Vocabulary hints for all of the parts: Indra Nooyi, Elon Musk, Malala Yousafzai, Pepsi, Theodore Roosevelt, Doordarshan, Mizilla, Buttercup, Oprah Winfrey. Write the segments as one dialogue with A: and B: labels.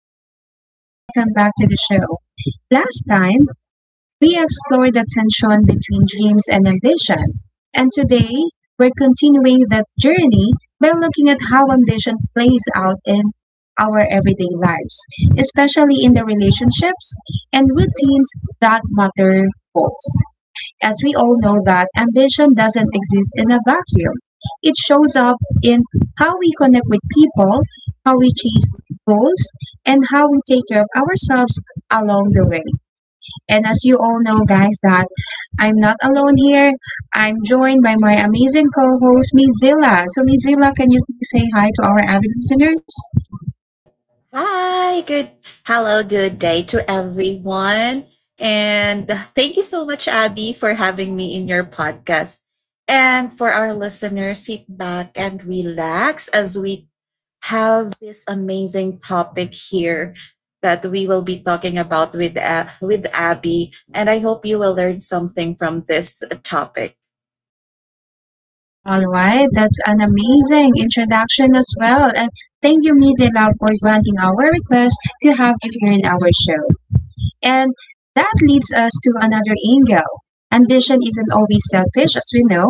A: everyone, and welcome back to the show. Last time, we explored the tension between dreams and ambition. And today, we're continuing that journey by looking at how ambition plays out in our everyday lives, especially in the relationships and routines that matter most, as we all know that ambition doesn't exist in a vacuum. It shows up in how we connect with people, how we chase goals, and how we take care of ourselves along the way. And as you all know, guys, that I'm not alone here. I'm joined by my amazing co-host, Mizilla. So, Mizilla, can you please say hi to our avid listeners?
B: Hi, good hello, good day to everyone. And thank you so much, Abby, for having me in your podcast. And for our listeners, sit back and relax as we have this amazing topic here that we will be talking about with Abby. And I hope you will learn something from this topic.
A: All right, that's an amazing introduction as well. And thank you, Mizilla, for granting our request to have you here in our show. And that leads us to another angle. Ambition isn't always selfish, as we know.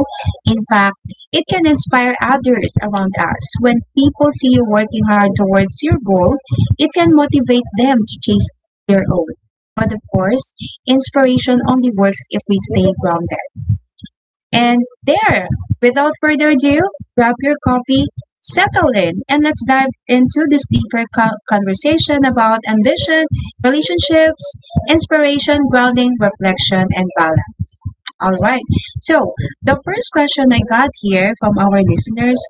A: In fact, it can inspire others around us. When people see you working hard towards your goal, it can motivate them to chase their own. But of course, inspiration only works if we stay grounded. And there, without further ado, grab your coffee, settle in, and let's dive into this deeper conversation about ambition, relationships, inspiration, grounding, reflection, and balance. All right. So, the first question I got here from our listeners,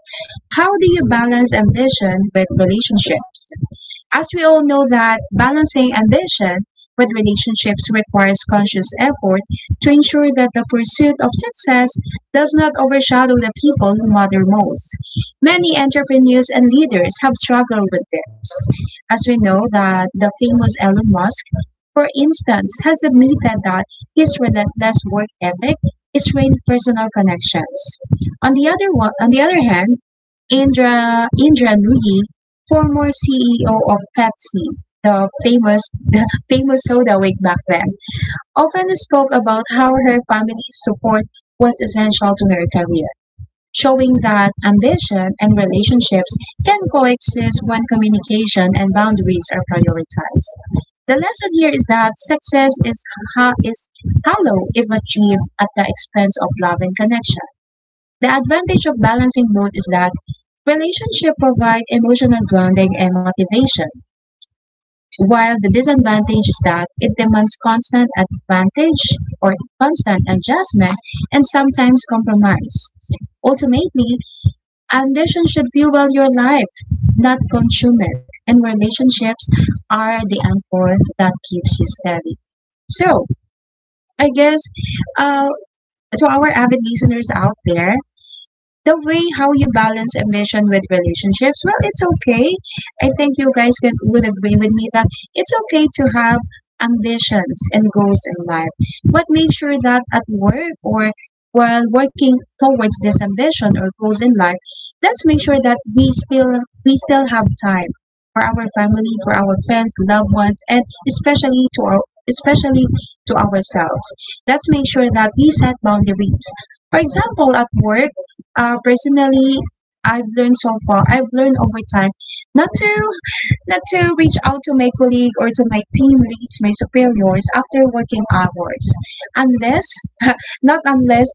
A: how do you balance ambition with relationships? As we all know that balancing ambition with relationships requires conscious effort to ensure that the pursuit of success does not overshadow the people who matter most. Many entrepreneurs and leaders have struggled with this, as we know that the famous Elon Musk, for instance, has admitted that his relentless work ethic is strained personal connections. On the other hand, Indra Nooyi, former CEO of Pepsi, the famous soda way back then, often spoke about how her family's support was essential to her career, showing that ambition and relationships can coexist when communication and boundaries are prioritized. The lesson here is that success is, is hollow if achieved at the expense of love and connection. The advantage of balancing both is that relationships provide emotional grounding and motivation, while the disadvantage is that it demands constant advantage or constant adjustment and sometimes compromise. Ultimately, ambition should fuel your life, not consume it, and relationships are the anchor that keeps you steady. So, I guess uh, to our avid listeners out there, the way how you balance ambition with relationships, well, it's okay. I think you guys can, would agree with me that it's okay to have ambitions and goals in life, but make sure that at work or while working towards this ambition or goals in life, let's make sure that we still have time for our family, for our friends, loved ones, and especially to our, especially to ourselves. Let's make sure that we set boundaries. For example, at work, personally, I've learned so far, I've learned over time not to, not to reach out to my colleague or to my team leads, my superiors after working hours, unless, not unless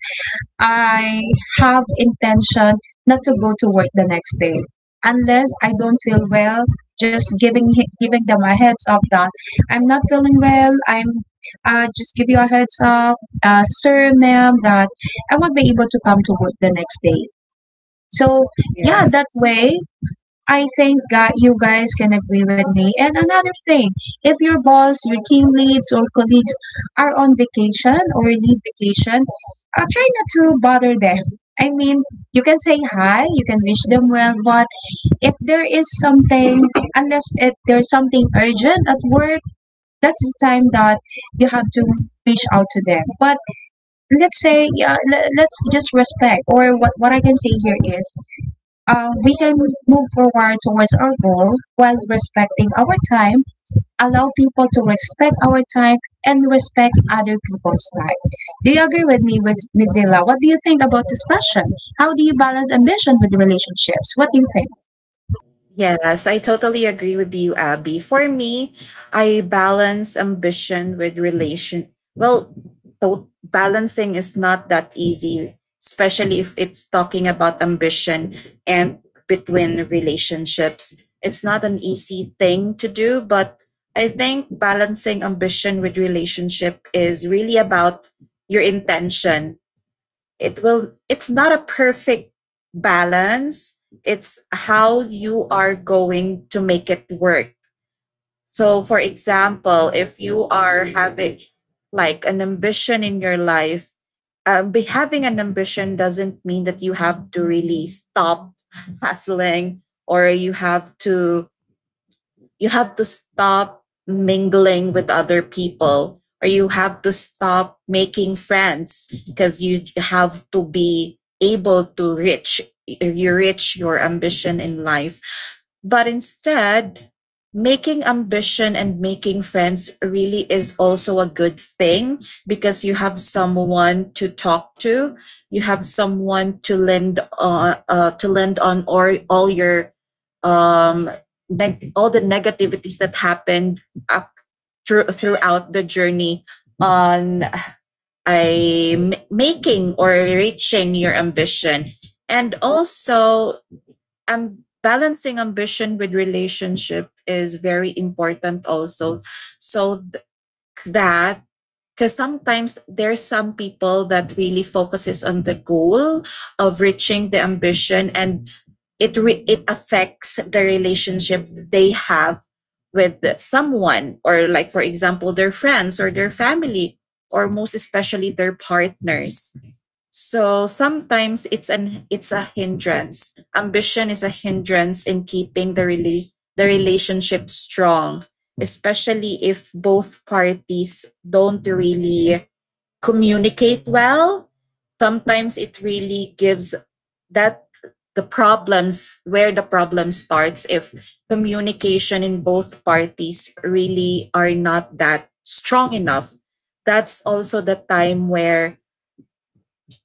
A: I have intention not to go to work the next day, unless I don't feel well. Just giving giving them a heads up that I'm not feeling well. I'm, just give you a heads up, sir, ma'am, that I won't be able to come to work the next day. So yeah, that
B: Yes.
A: way I think that you guys can agree with me. And another thing, if your boss, your team leads or colleagues are on vacation or need vacation, try not to bother them. I mean, you can say hi, you can wish them well, but if there is something, unless it, there's something urgent at work, that's the time that you have to reach out to them. But let's say, yeah, let's just respect, or what I can say here is, we can move forward towards our goal while respecting our time, allow people to respect our time, and respect other people's time. Do you agree with me, with Ms. Zilla? What do you think about this question? How do you balance ambition with relationships? What do you think?
B: Yes, I totally agree with you, Abby. For me, I balance ambition with relation. Well, balancing is not that easy, especially if it's talking about ambition and between relationships. It's not an easy thing to do, but I think balancing ambition with relationship is really about your intention it's not a perfect balance, it's how you are going to make it work. So for example, if you are having like an ambition in your life, be having an ambition doesn't mean that you have to really stop hustling, or you have to stop mingling with other people, or you have to stop making friends, because you have to be able to reach your ambition in life. But instead, making ambition and making friends really is also a good thing because you have someone to talk to, you have someone to lend to lend on, or all your um all the negativities that happened, uh, throughout the journey on making or reaching your ambition. And also, balancing ambition with relationship is very important also, so th- that because sometimes there's some people that really focuses on the goal of reaching the ambition, and it affects the relationship they have with someone, or like for example their friends or their family, or most especially their partners. So sometimes it's a hindrance. Ambition is a hindrance in keeping the relationship strong, especially if both parties don't really communicate well. Sometimes it really gives that the problems, where the problem starts if communication in both parties really are not that strong enough. That's also the time where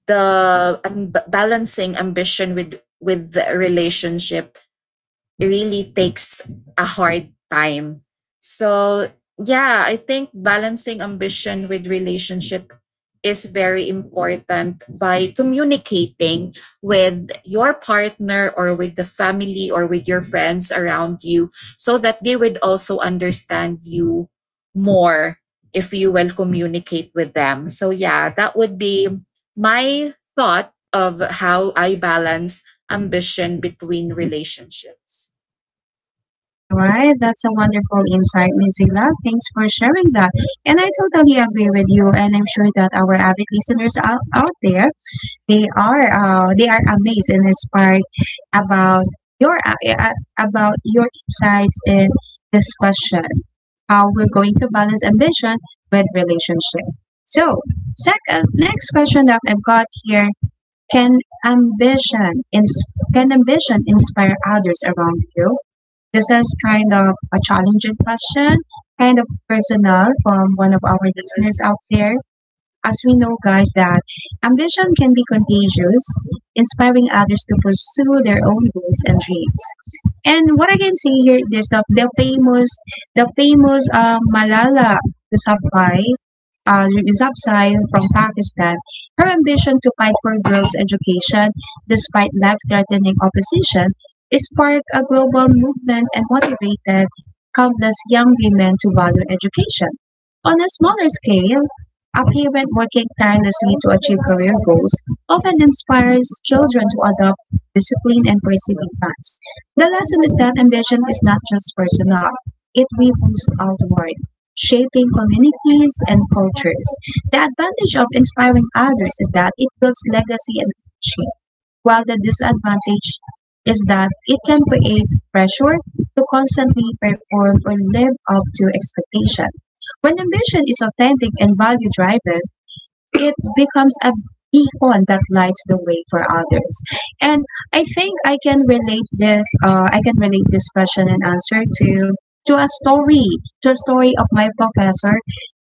B: the balancing ambition with the relationship really takes a hard time. So, yeah, I think balancing ambition with relationship is very important by communicating with your partner, or with the family, or with your friends around you, so that they would also understand you more if you will communicate with them. So, yeah, that would be my thought of how I balance ambition between relationships.
A: All right, that's a wonderful insight, Ms. Zilla. Thanks for sharing that. And I totally agree with you, and I'm sure that our avid listeners out there, they are, they are amazed and inspired about your about your insights in this question, how we're going to balance ambition with relationship. So, second next question that I've got here, can ambition can ambition inspire others around you? This is kind of a challenging question, kind of personal, from one of our listeners
B: Yes,
A: out there. As we know, guys, that ambition can be contagious, inspiring others to pursue their own goals and dreams. And what I can say here is the famous Malala Yousafzai, Yousafzai from Pakistan. Her ambition to fight for girls' education, despite life-threatening opposition, sparked a global movement and motivated countless young women to value education. On a smaller scale, a parent working tirelessly to achieve career goals often inspires children to adopt discipline and perseverance. The lesson is that ambition is not just personal, it ripples outward, shaping communities and cultures. The advantage of inspiring others is that it builds legacy and friendship, while the disadvantage is that it can create pressure to constantly perform or live up to expectation. When ambition is authentic and value driven, it becomes a beacon that lights the way for others. And I think I can relate this. I can relate this question and answer to, to a story, to a story of my professor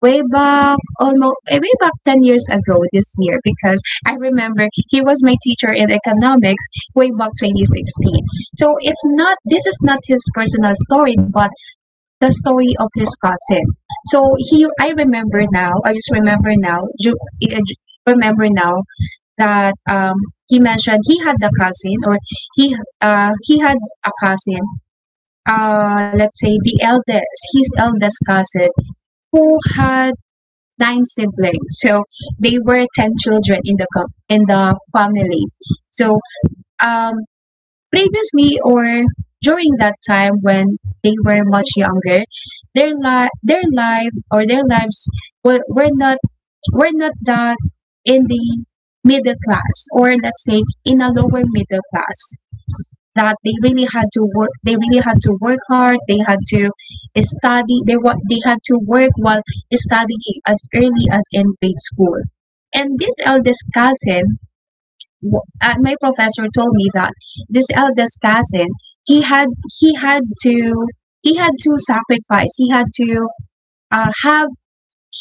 A: way back almost, way back 10 years ago this year, because I remember he was my teacher in economics way back 2016. So it's not, this is not his personal story, but the story of his cousin. So he, I remember now. I just remember now. Eh, Remember now that he mentioned he had a cousin, or he, he had a cousin. Let's say the eldest, his eldest cousin, who had nine siblings. So they were ten children in the in the family. So um, previously or during that time when they were much younger, their their life or their lives were not, were not that in the middle class, or let's say in a lower middle class, that they really had to work, they really had to work hard, they had to study, they what, they had to work while studying as early as in grade school. And this eldest cousin, well, my professor told me that this eldest cousin, he had, he had to, he had to sacrifice, he had to, have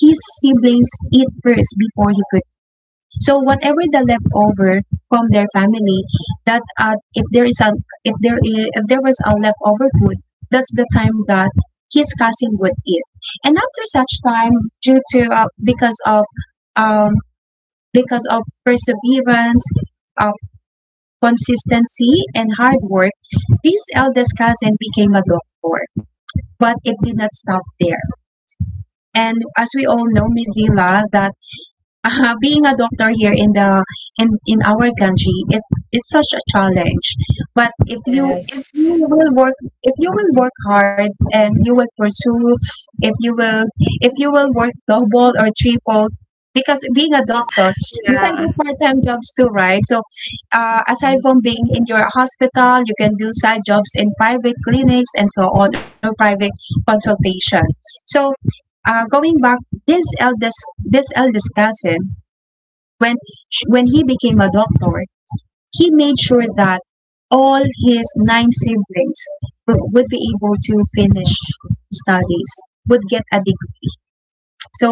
A: his siblings eat first before he could, so whatever the leftover from their family, that if there is a, if there is, if there was a leftover food, that's the time that his cousin would eat. And after such time, due to um, because of perseverance, uh, consistency, and hard work, this eldest cousin became a doctor. But it did not stop there. And as we all know, Mizila, the, being a doctor here in the, in our country, it is such a challenge. But if you, if you
B: yes.
A: will work, if you will work hard and you will pursue, if you will, if you will work double or triple, because being a doctor, you can do
B: Yeah.
A: part-time jobs too, right? So, aside from
B: Yes,
A: being in your hospital, you can do side jobs in private clinics and so on, or private consultation. So, going back, this eldest cousin, when when he became a doctor, he made sure that all his nine siblings would be able to finish studies, would get a degree. So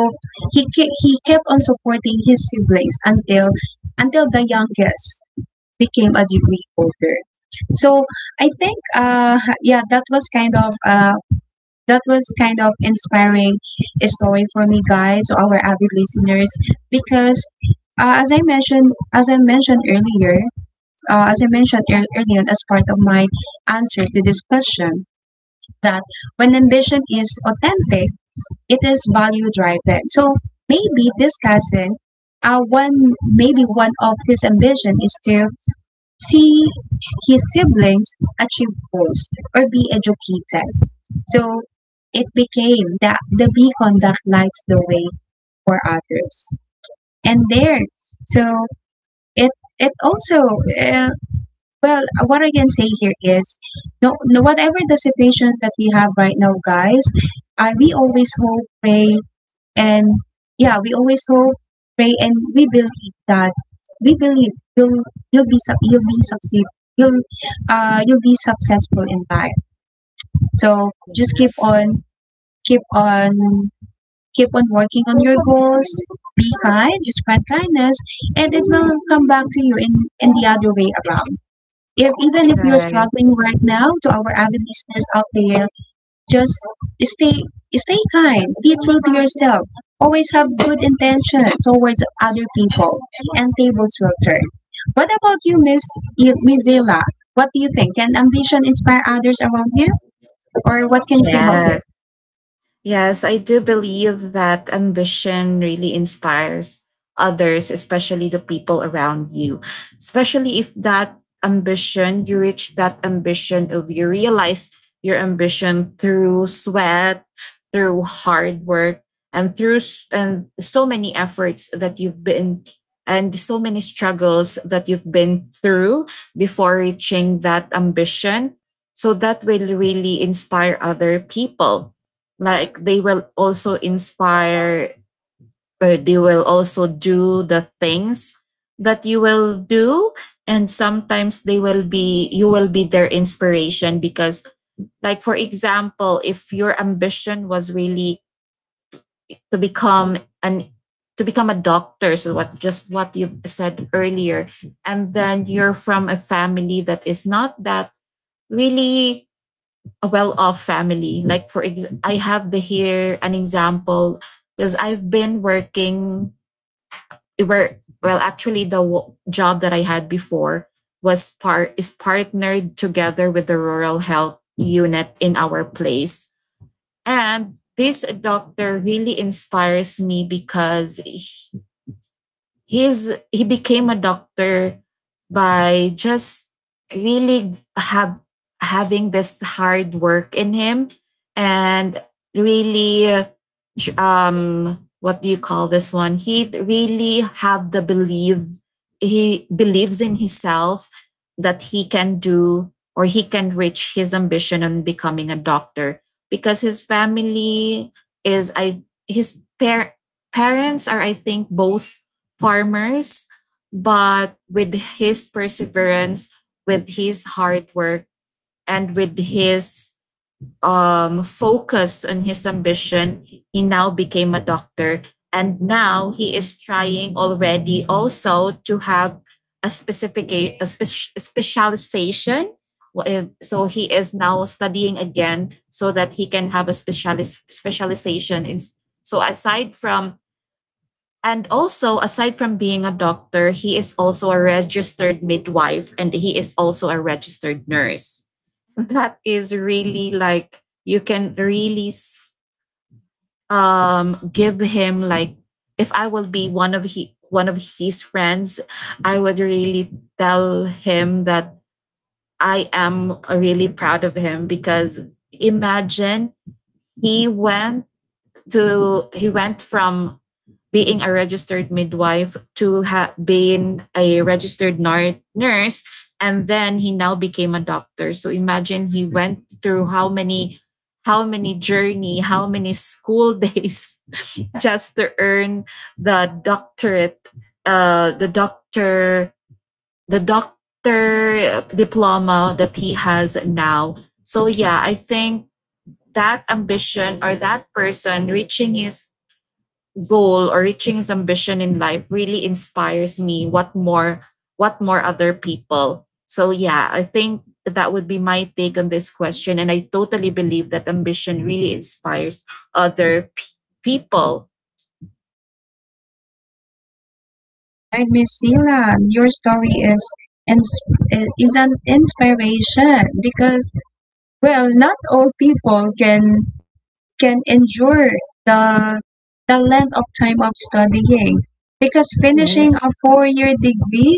A: he he kept on supporting his siblings until the youngest became a degree holder. So I think, yeah, that was kind of, that was kind of inspiring story for me, guys, our avid listeners. Because, as I mentioned, as I mentioned earlier, as I mentioned earlier as part of my answer to this question, that when ambition is authentic, it is value driven. So maybe this cousin, one, maybe one of his ambition is to see his siblings achieve goals or be educated. So it became that the beacon conduct lights the way for others. And there, so it it also, uh, well, what I can say here is no, no, whatever the situation that we have right now, guys, we always hope, pray, and yeah, we always hope, pray, and we believe that, we believe you'll be you'll be succeed, you'll, you'll be successful in life. So just
B: yes.
A: keep on keep on working on your goals. Be kind, spread kindness, and it will come back to you in the other way around. If even if you're
B: Right.
A: struggling right now, to our avid listeners out there, just stay stay kind, be true to yourself. Always have good intention towards other people, and tables will turn. What about you, Miss Mizela? What do you think? Can ambition inspire others around here, or what can you say about this?
B: Yes. Yes, I do believe that ambition really inspires others, especially the people around you. Especially if that ambition, you reach that ambition of you realize your ambition through sweat, through hard work, and through s- and so many efforts that you've been and so many struggles that you've been through before reaching that ambition. So that will really inspire other people, like they will also inspire, or they will also do the things that you will do. And sometimes they will be you will be their inspiration, because like for example, if your ambition was really to become an to become a doctor, so what just what you said earlier, and then you're from a family that is not that really a well-off family. Like I have the here an example, because I've been working where, well actually job that I had before was partnered together with the rural health unit in our place. And this doctor really inspires me because he became a doctor by just really have having this hard work in him, and really what do you call this one, he really have the belief, he believes in himself that he can do, or he can reach his ambition on becoming a doctor. Because his family is I his parents are, I think, both farmers, but with his perseverance, with his hard work, and with his focus on his ambition, he now became a doctor. And now he is trying already also to have a specific a spe- specialization. Well, so he is now studying again so that he can have a specialization. So aside from and also, aside from being a doctor, he is also a registered midwife, and he is also a registered nurse. That is really like, you can really give him like, if I will be one of his friends, I would really tell him that I am really proud of him, because imagine he went to he went from being a registered midwife to being a registered nurse, and then he now became a doctor. So imagine he went through how many journey, how many school days just to earn the doctorate, uh the doctor the doctor diploma that he has now. So yeah, I think that ambition, or that person reaching his goal or reaching his ambition in life really inspires me, what more other people. So yeah, I think that would be my take on this question, and I totally believe that ambition really inspires other people.
A: Right, Miss Sila? Your story ins- is an inspiration because, well, not all people can endure the the length of time of studying, because finishing
B: Yes.
A: a 4 year degree,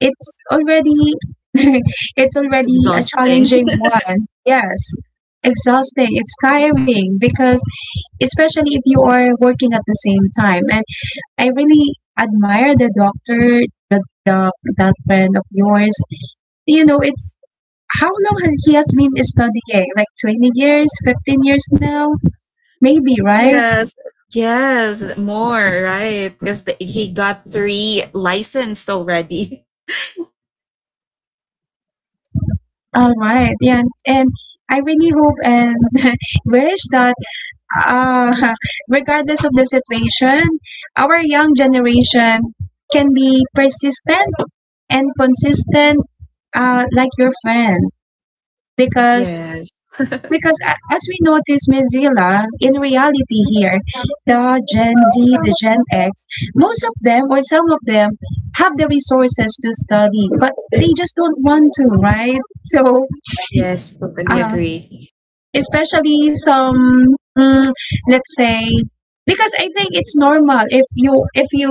A: it's already it's already a
B: Exhausting.
A: challenging one. Yes, exhausting. It's tiring because, especially if you are working at the same time. And I really admire the doctor, the that friend of yours. You know, it's, how long has he has been studying? Eh? Like 20 years, 15 years now, maybe, right?
B: Yes, yes, more, right? Because he got three licensed already.
A: All right, yeah, and I really hope and wish that, uh, regardless of the situation, our young generation can be persistent and consistent, like your friend, because,
B: Yes,
A: because as we notice, Ms. Zila, in reality here, the Gen Z, the Gen X, most of them or some of them have the resources to study, but they just don't want to, right? So
B: yes, totally
A: um,
B: agree.
A: especially some mm, let's say, because I think it's normal if you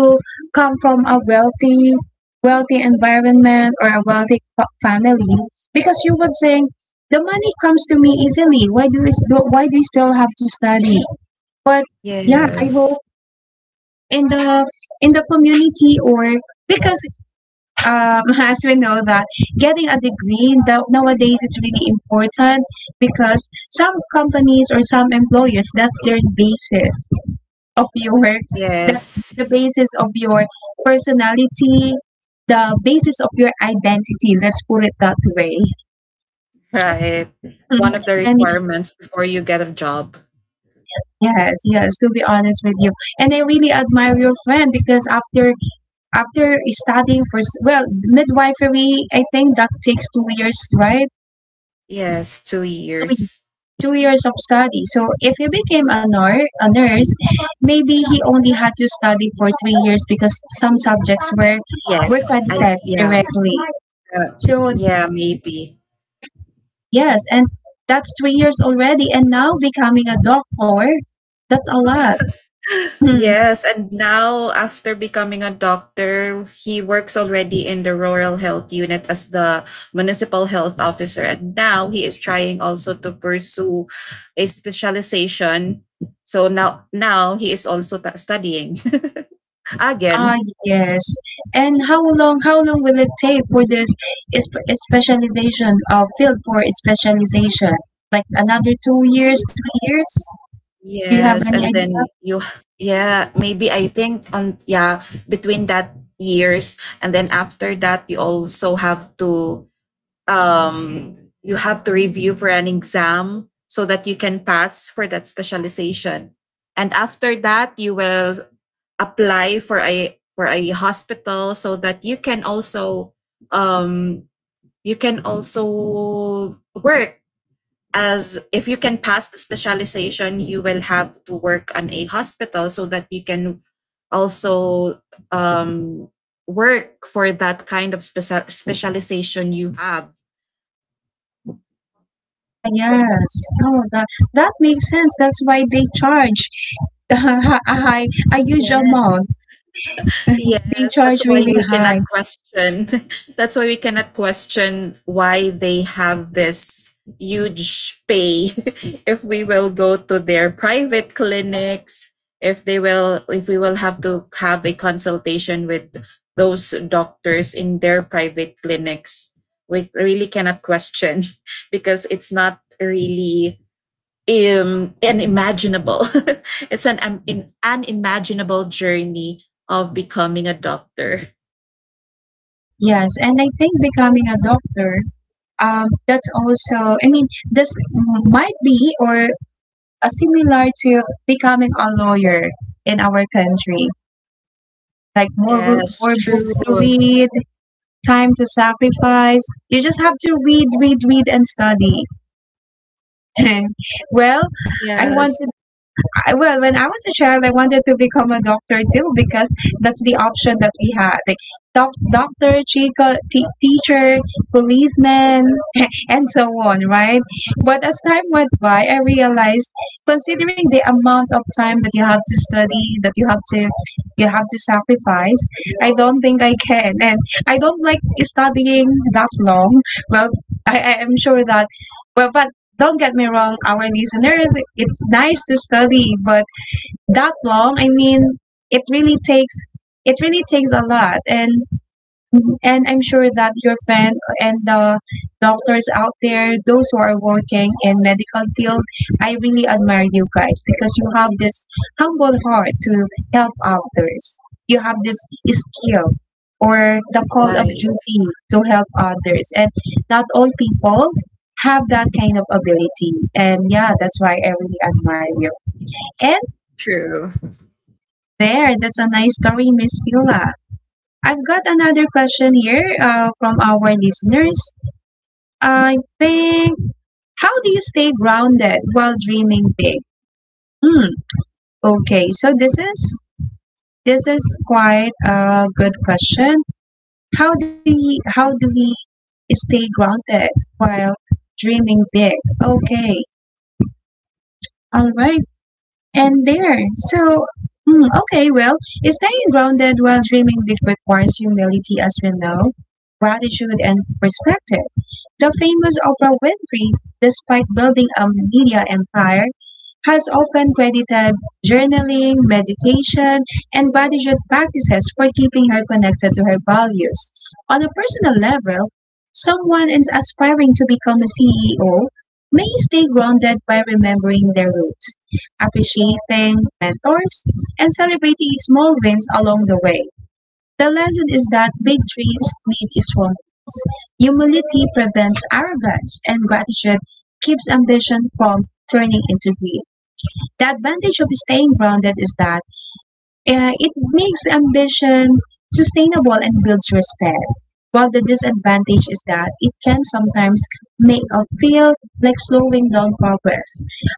A: come from a wealthy environment or a wealthy family, because you would think the money comes to me easily, why do why do we still have to study? But yeah, I hope
B: Yes,
A: in the in the community, or because, as we know that getting a degree that nowadays is really important, because some companies or some employers, that's their basis of your that's
B: yes,
A: the basis of your personality, the basis of your identity, let's put it that way.
B: right.
A: Mm.
B: One of the
A: And
B: requirements before you get a job.
A: yes, yes, to be honest with you. And I really admire your friend because after studying for well, midwifery I think that takes 2 years, right?
B: Yes, 2 years.
A: 2 years of study. So if he became a nurse, maybe he only had to study for 3 years because some subjects were
B: Yes, I,
A: credited
B: yeah,
A: directly.
B: uh,
A: So
B: yeah, maybe.
A: yes, and that's 3 years already, and now becoming a doctor, that's a lot. Hmm.
B: Yes, and now after becoming a doctor, he works already in the rural health unit as the municipal health officer. And now he is trying also to pursue a specialization. So now he is also studying
A: Ah,
B: again.
A: yes. And how long? How long will it take for this is- specialization, field for specialization? Like another 2 years, 3 years? Do you have
B: Yes,
A: any
B: and
A: idea?
B: then you yeah, maybe, I think on, yeah, between that years, and then after that you also have to um, you have to review for an exam so that you can pass for that specialization. And after that, you will apply for a hospital so that um, you can also work as, if you can pass the specialization, you will have to work on a hospital so that you can also um, work for that kind of specialization you have.
A: Ah, yes. Oh, that that makes sense. That's why they charge a high, a huge
B: Yes.
A: amount. They
B: Yes,
A: charge
B: that's why
A: really
B: we
A: high.
B: cannot question. That's why we cannot question why they have this huge pay if we will go to their private clinics, if we will have to have a consultation with those doctors in their private clinics. We really cannot question because it's not really unimaginable. Unimaginable journey of becoming a doctor.
A: Yes, and I think becoming a doctor, that's also. I mean, this might be, or similar to becoming a lawyer in our country. Like
B: Yes,
A: more books
B: true.
A: to read, time to sacrifice. You just have to read, read, read, and study. Well, I
B: Yes,
A: wanted well, when I was a child, I wanted to become a doctor too, because that's the option that we had. Like doctor, chica, teacher, policeman, and so on, right? But as time went by, I realized, considering the amount of time that you have to study, that you have to sacrifice, I don't think I can. And I don't like studying that long. Well, I am sure that, well, but don't get me wrong, our listeners, it's nice to study, but that long, I mean, it really takes it really takes a lot. And mhm. And I'm sure that your fan and the doctors out there, those who are working in medical field, I really admire you guys because you have this humble heart to help others. You have this skill or the call of
B: right.
A: duty to help others. And not all people have that kind of ability. And yeah, that's why I really admire you. And
B: True.
A: there, that's a nice story, Miss Sila. I've got another question here, from our listeners. I think, how do you stay grounded while dreaming big? Hmm. Okay. So this is quite a good question. How do how do we stay grounded while dreaming big? Okay. All right. And there. So. Hmm, okay, well, staying grounded while dreaming big requires humility, as we know, gratitude, and perspective. The famous Oprah Winfrey, despite building a media empire, has often credited journaling, meditation, and bodhicitta practices for keeping her connected to her values. On a personal level, someone is aspiring to become a CEO may stay grounded by remembering their roots, appreciating mentors, and celebrating small wins along the way. The lesson is that big dreams need small ones. Humility prevents arrogance, and gratitude keeps ambition from turning into greed. The advantage of staying grounded is that it makes ambition sustainable and builds respect. While the disadvantage is that it can sometimes make us feel like slowing down progress.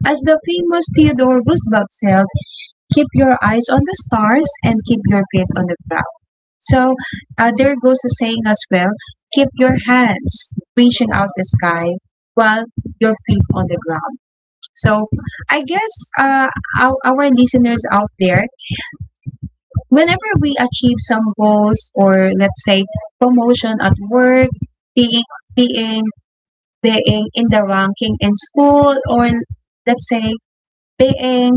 A: As the famous Theodore Roosevelt said, keep your eyes on the stars and keep your feet on the ground. So, there goes the saying as well, keep your hands reaching out the sky while your feet on the ground. So, I guess, our listeners out there, whenever we achieve some goals, or let's say promotion at work, being, being, being in the ranking in school, or let's say being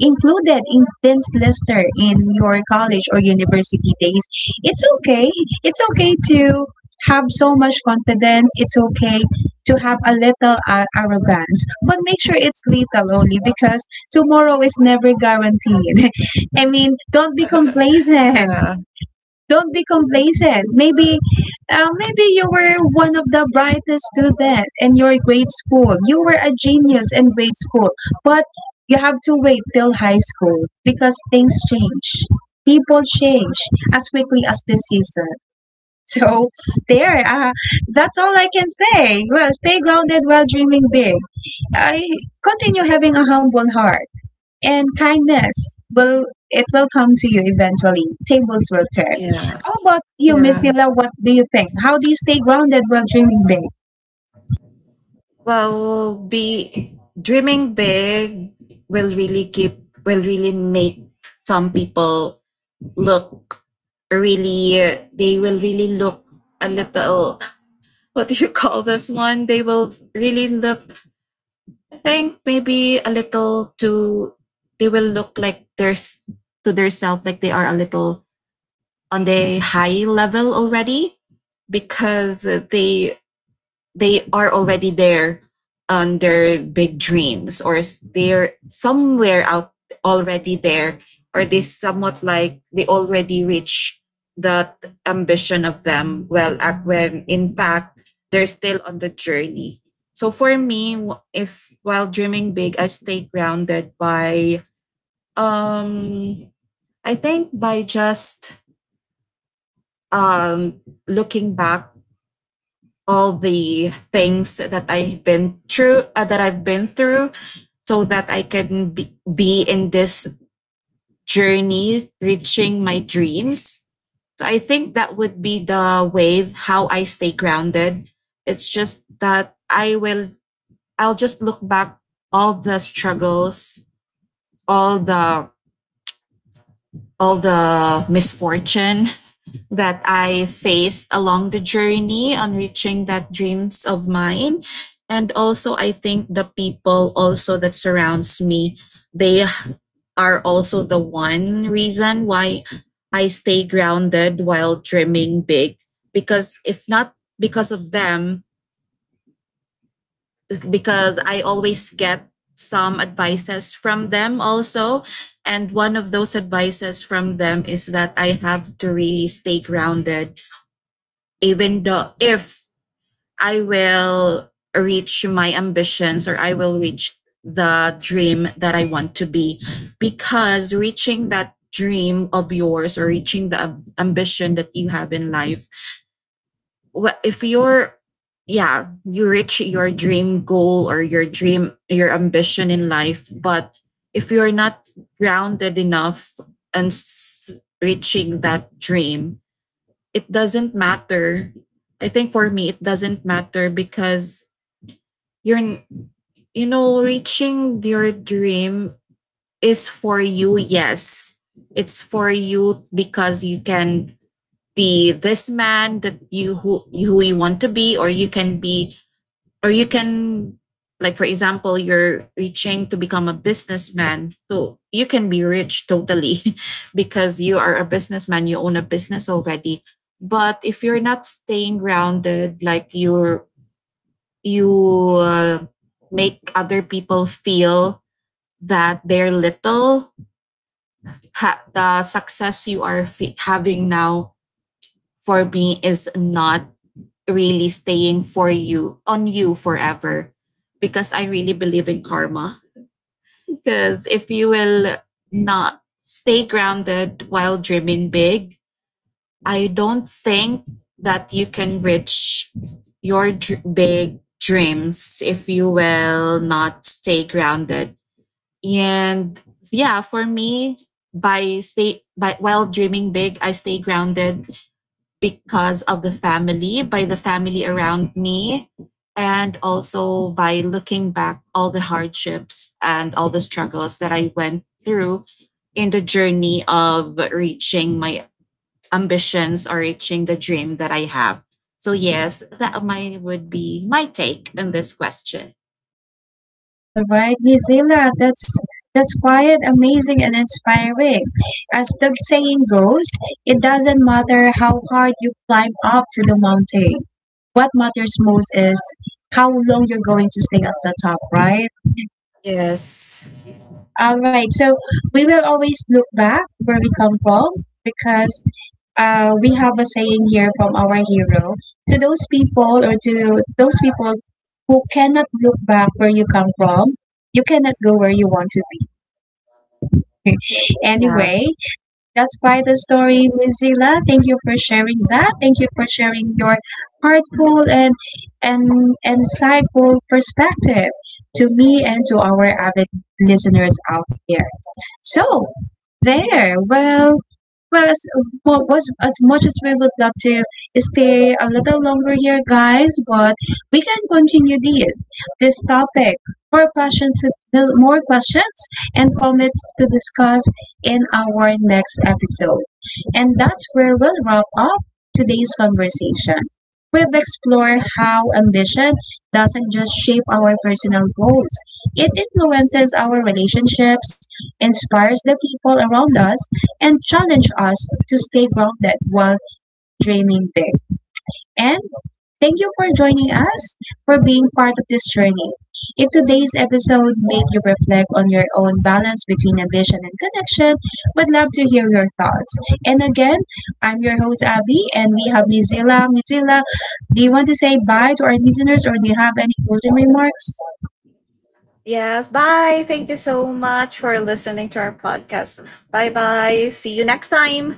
A: included in this lister in your college or university days, it's okay. It's okay to have so much confidence. It's okay to have a little arrogance, but make sure it's little only, because tomorrow is never guaranteed. I mean, don't be complacent.
B: Yeah,
A: Don't be complacent. Maybe, maybe you were one of the brightest student in your grade school. You were a genius in grade school, but you have to wait till high school because things change. People change as quickly as the season. So there, that's all I can say. Well, stay grounded while dreaming big. I continue having a humble heart, and kindness will, it will come to you eventually. Tables will turn.
B: yeah,
A: How about you, Miss
B: yeah.
A: Sila? What do you think? How do you stay grounded while dreaming big?
B: Well, be dreaming big will really keep will really make some people look, really they will really look a little, what do you call this one, they will really look, I think maybe a little too, they will look like there's to their self like they are a little on the high level already, because they are already there on their big dreams, or they're somewhere out already there, or they somewhat like they already reach that ambition of them. Well when in fact they're still on the journey. So for me, if while dreaming big, I stay grounded by um I think by just um looking back all the things that I've been through, so that I can be in this journey reaching my dreams. So I think that would be the way how I stay grounded. It's just that I'll just look back all the struggles, all the all the misfortune that I faced along the journey on reaching that dreams of mine. And also I think the people also that surrounds me, they are also the one reason why I stay grounded while dreaming big. Because if not because of them, because I always get some advices from them also. And one of those advices from them is that I have to really stay grounded, even though if I will reach my ambitions, or I will reach the dream that I want to be. Because reaching that dream of yours, or reaching the ambition that you have in life, if you're yeah, you reach your dream goal, or your dream, your ambition in life. But if you're not grounded enough and reaching that dream, it doesn't matter. I think for me, it doesn't matter because you're, n- you know, reaching your dream is for you, yes. It's for you because you can be this man that you who you want to be, or you can be, or you can, like for example, you're reaching to become a businessman, so you can be rich totally because you are a businessman, you own a business already. But if you're not staying grounded, like you're you uh, make other people feel that they're little, the success you are fe having now, for me is not really staying for you on you forever, because I really believe in karma. Because if you will not stay grounded while dreaming big, I don't think that you can reach your big dreams if you will not stay grounded. And yeah, for me, by stay by while dreaming big, I stay grounded because of the family, by the family around me, and also by looking back all the hardships and all the struggles that I went through in the journey of reaching my ambitions, or reaching the dream that I have. So yes, that my would be my take on this question.
A: All right, Miss Zila, that's quiet, amazing, and inspiring. As the saying goes, it doesn't matter how hard you climb up to the mountain. What matters most is how long you're going to stay at the top, right?
B: Yes.
A: All right. So we will always look back where we come from, because we have a saying here from our hero, to those people, or to those people who cannot look back where you come from, you cannot go where you want to be. Anyway,
B: Yes.
A: that's why the story, Ms. Zila. Thank you for sharing that. Thank you for sharing your heartful and insightful perspective to me and to our avid listeners out there. So there. Well, as, as much as we would love to stay a little longer here, guys, but we can continue this topic. More questions, and comments to discuss in our next episode. And that's where we'll wrap up today's conversation. We've explored how ambition doesn't just shape our personal goals; it influences our relationships, inspires the people around us, and challenges us to stay grounded while dreaming big. And thank you for joining us for being part of this journey. If today's episode made you reflect on your own balance between ambition and connection, would love to hear your thoughts. And again, I'm your host Abby, and we have Mizilla. Mizilla, do you want to say bye to our listeners, or do you have any closing remarks?
B: Yes. Bye. Thank you so much for listening to our podcast. Bye bye. See you next time.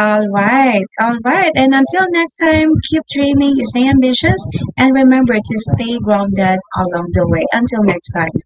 A: All right, all right. And until next time, keep dreaming, stay ambitious, and remember to stay grounded along the way. Until next time.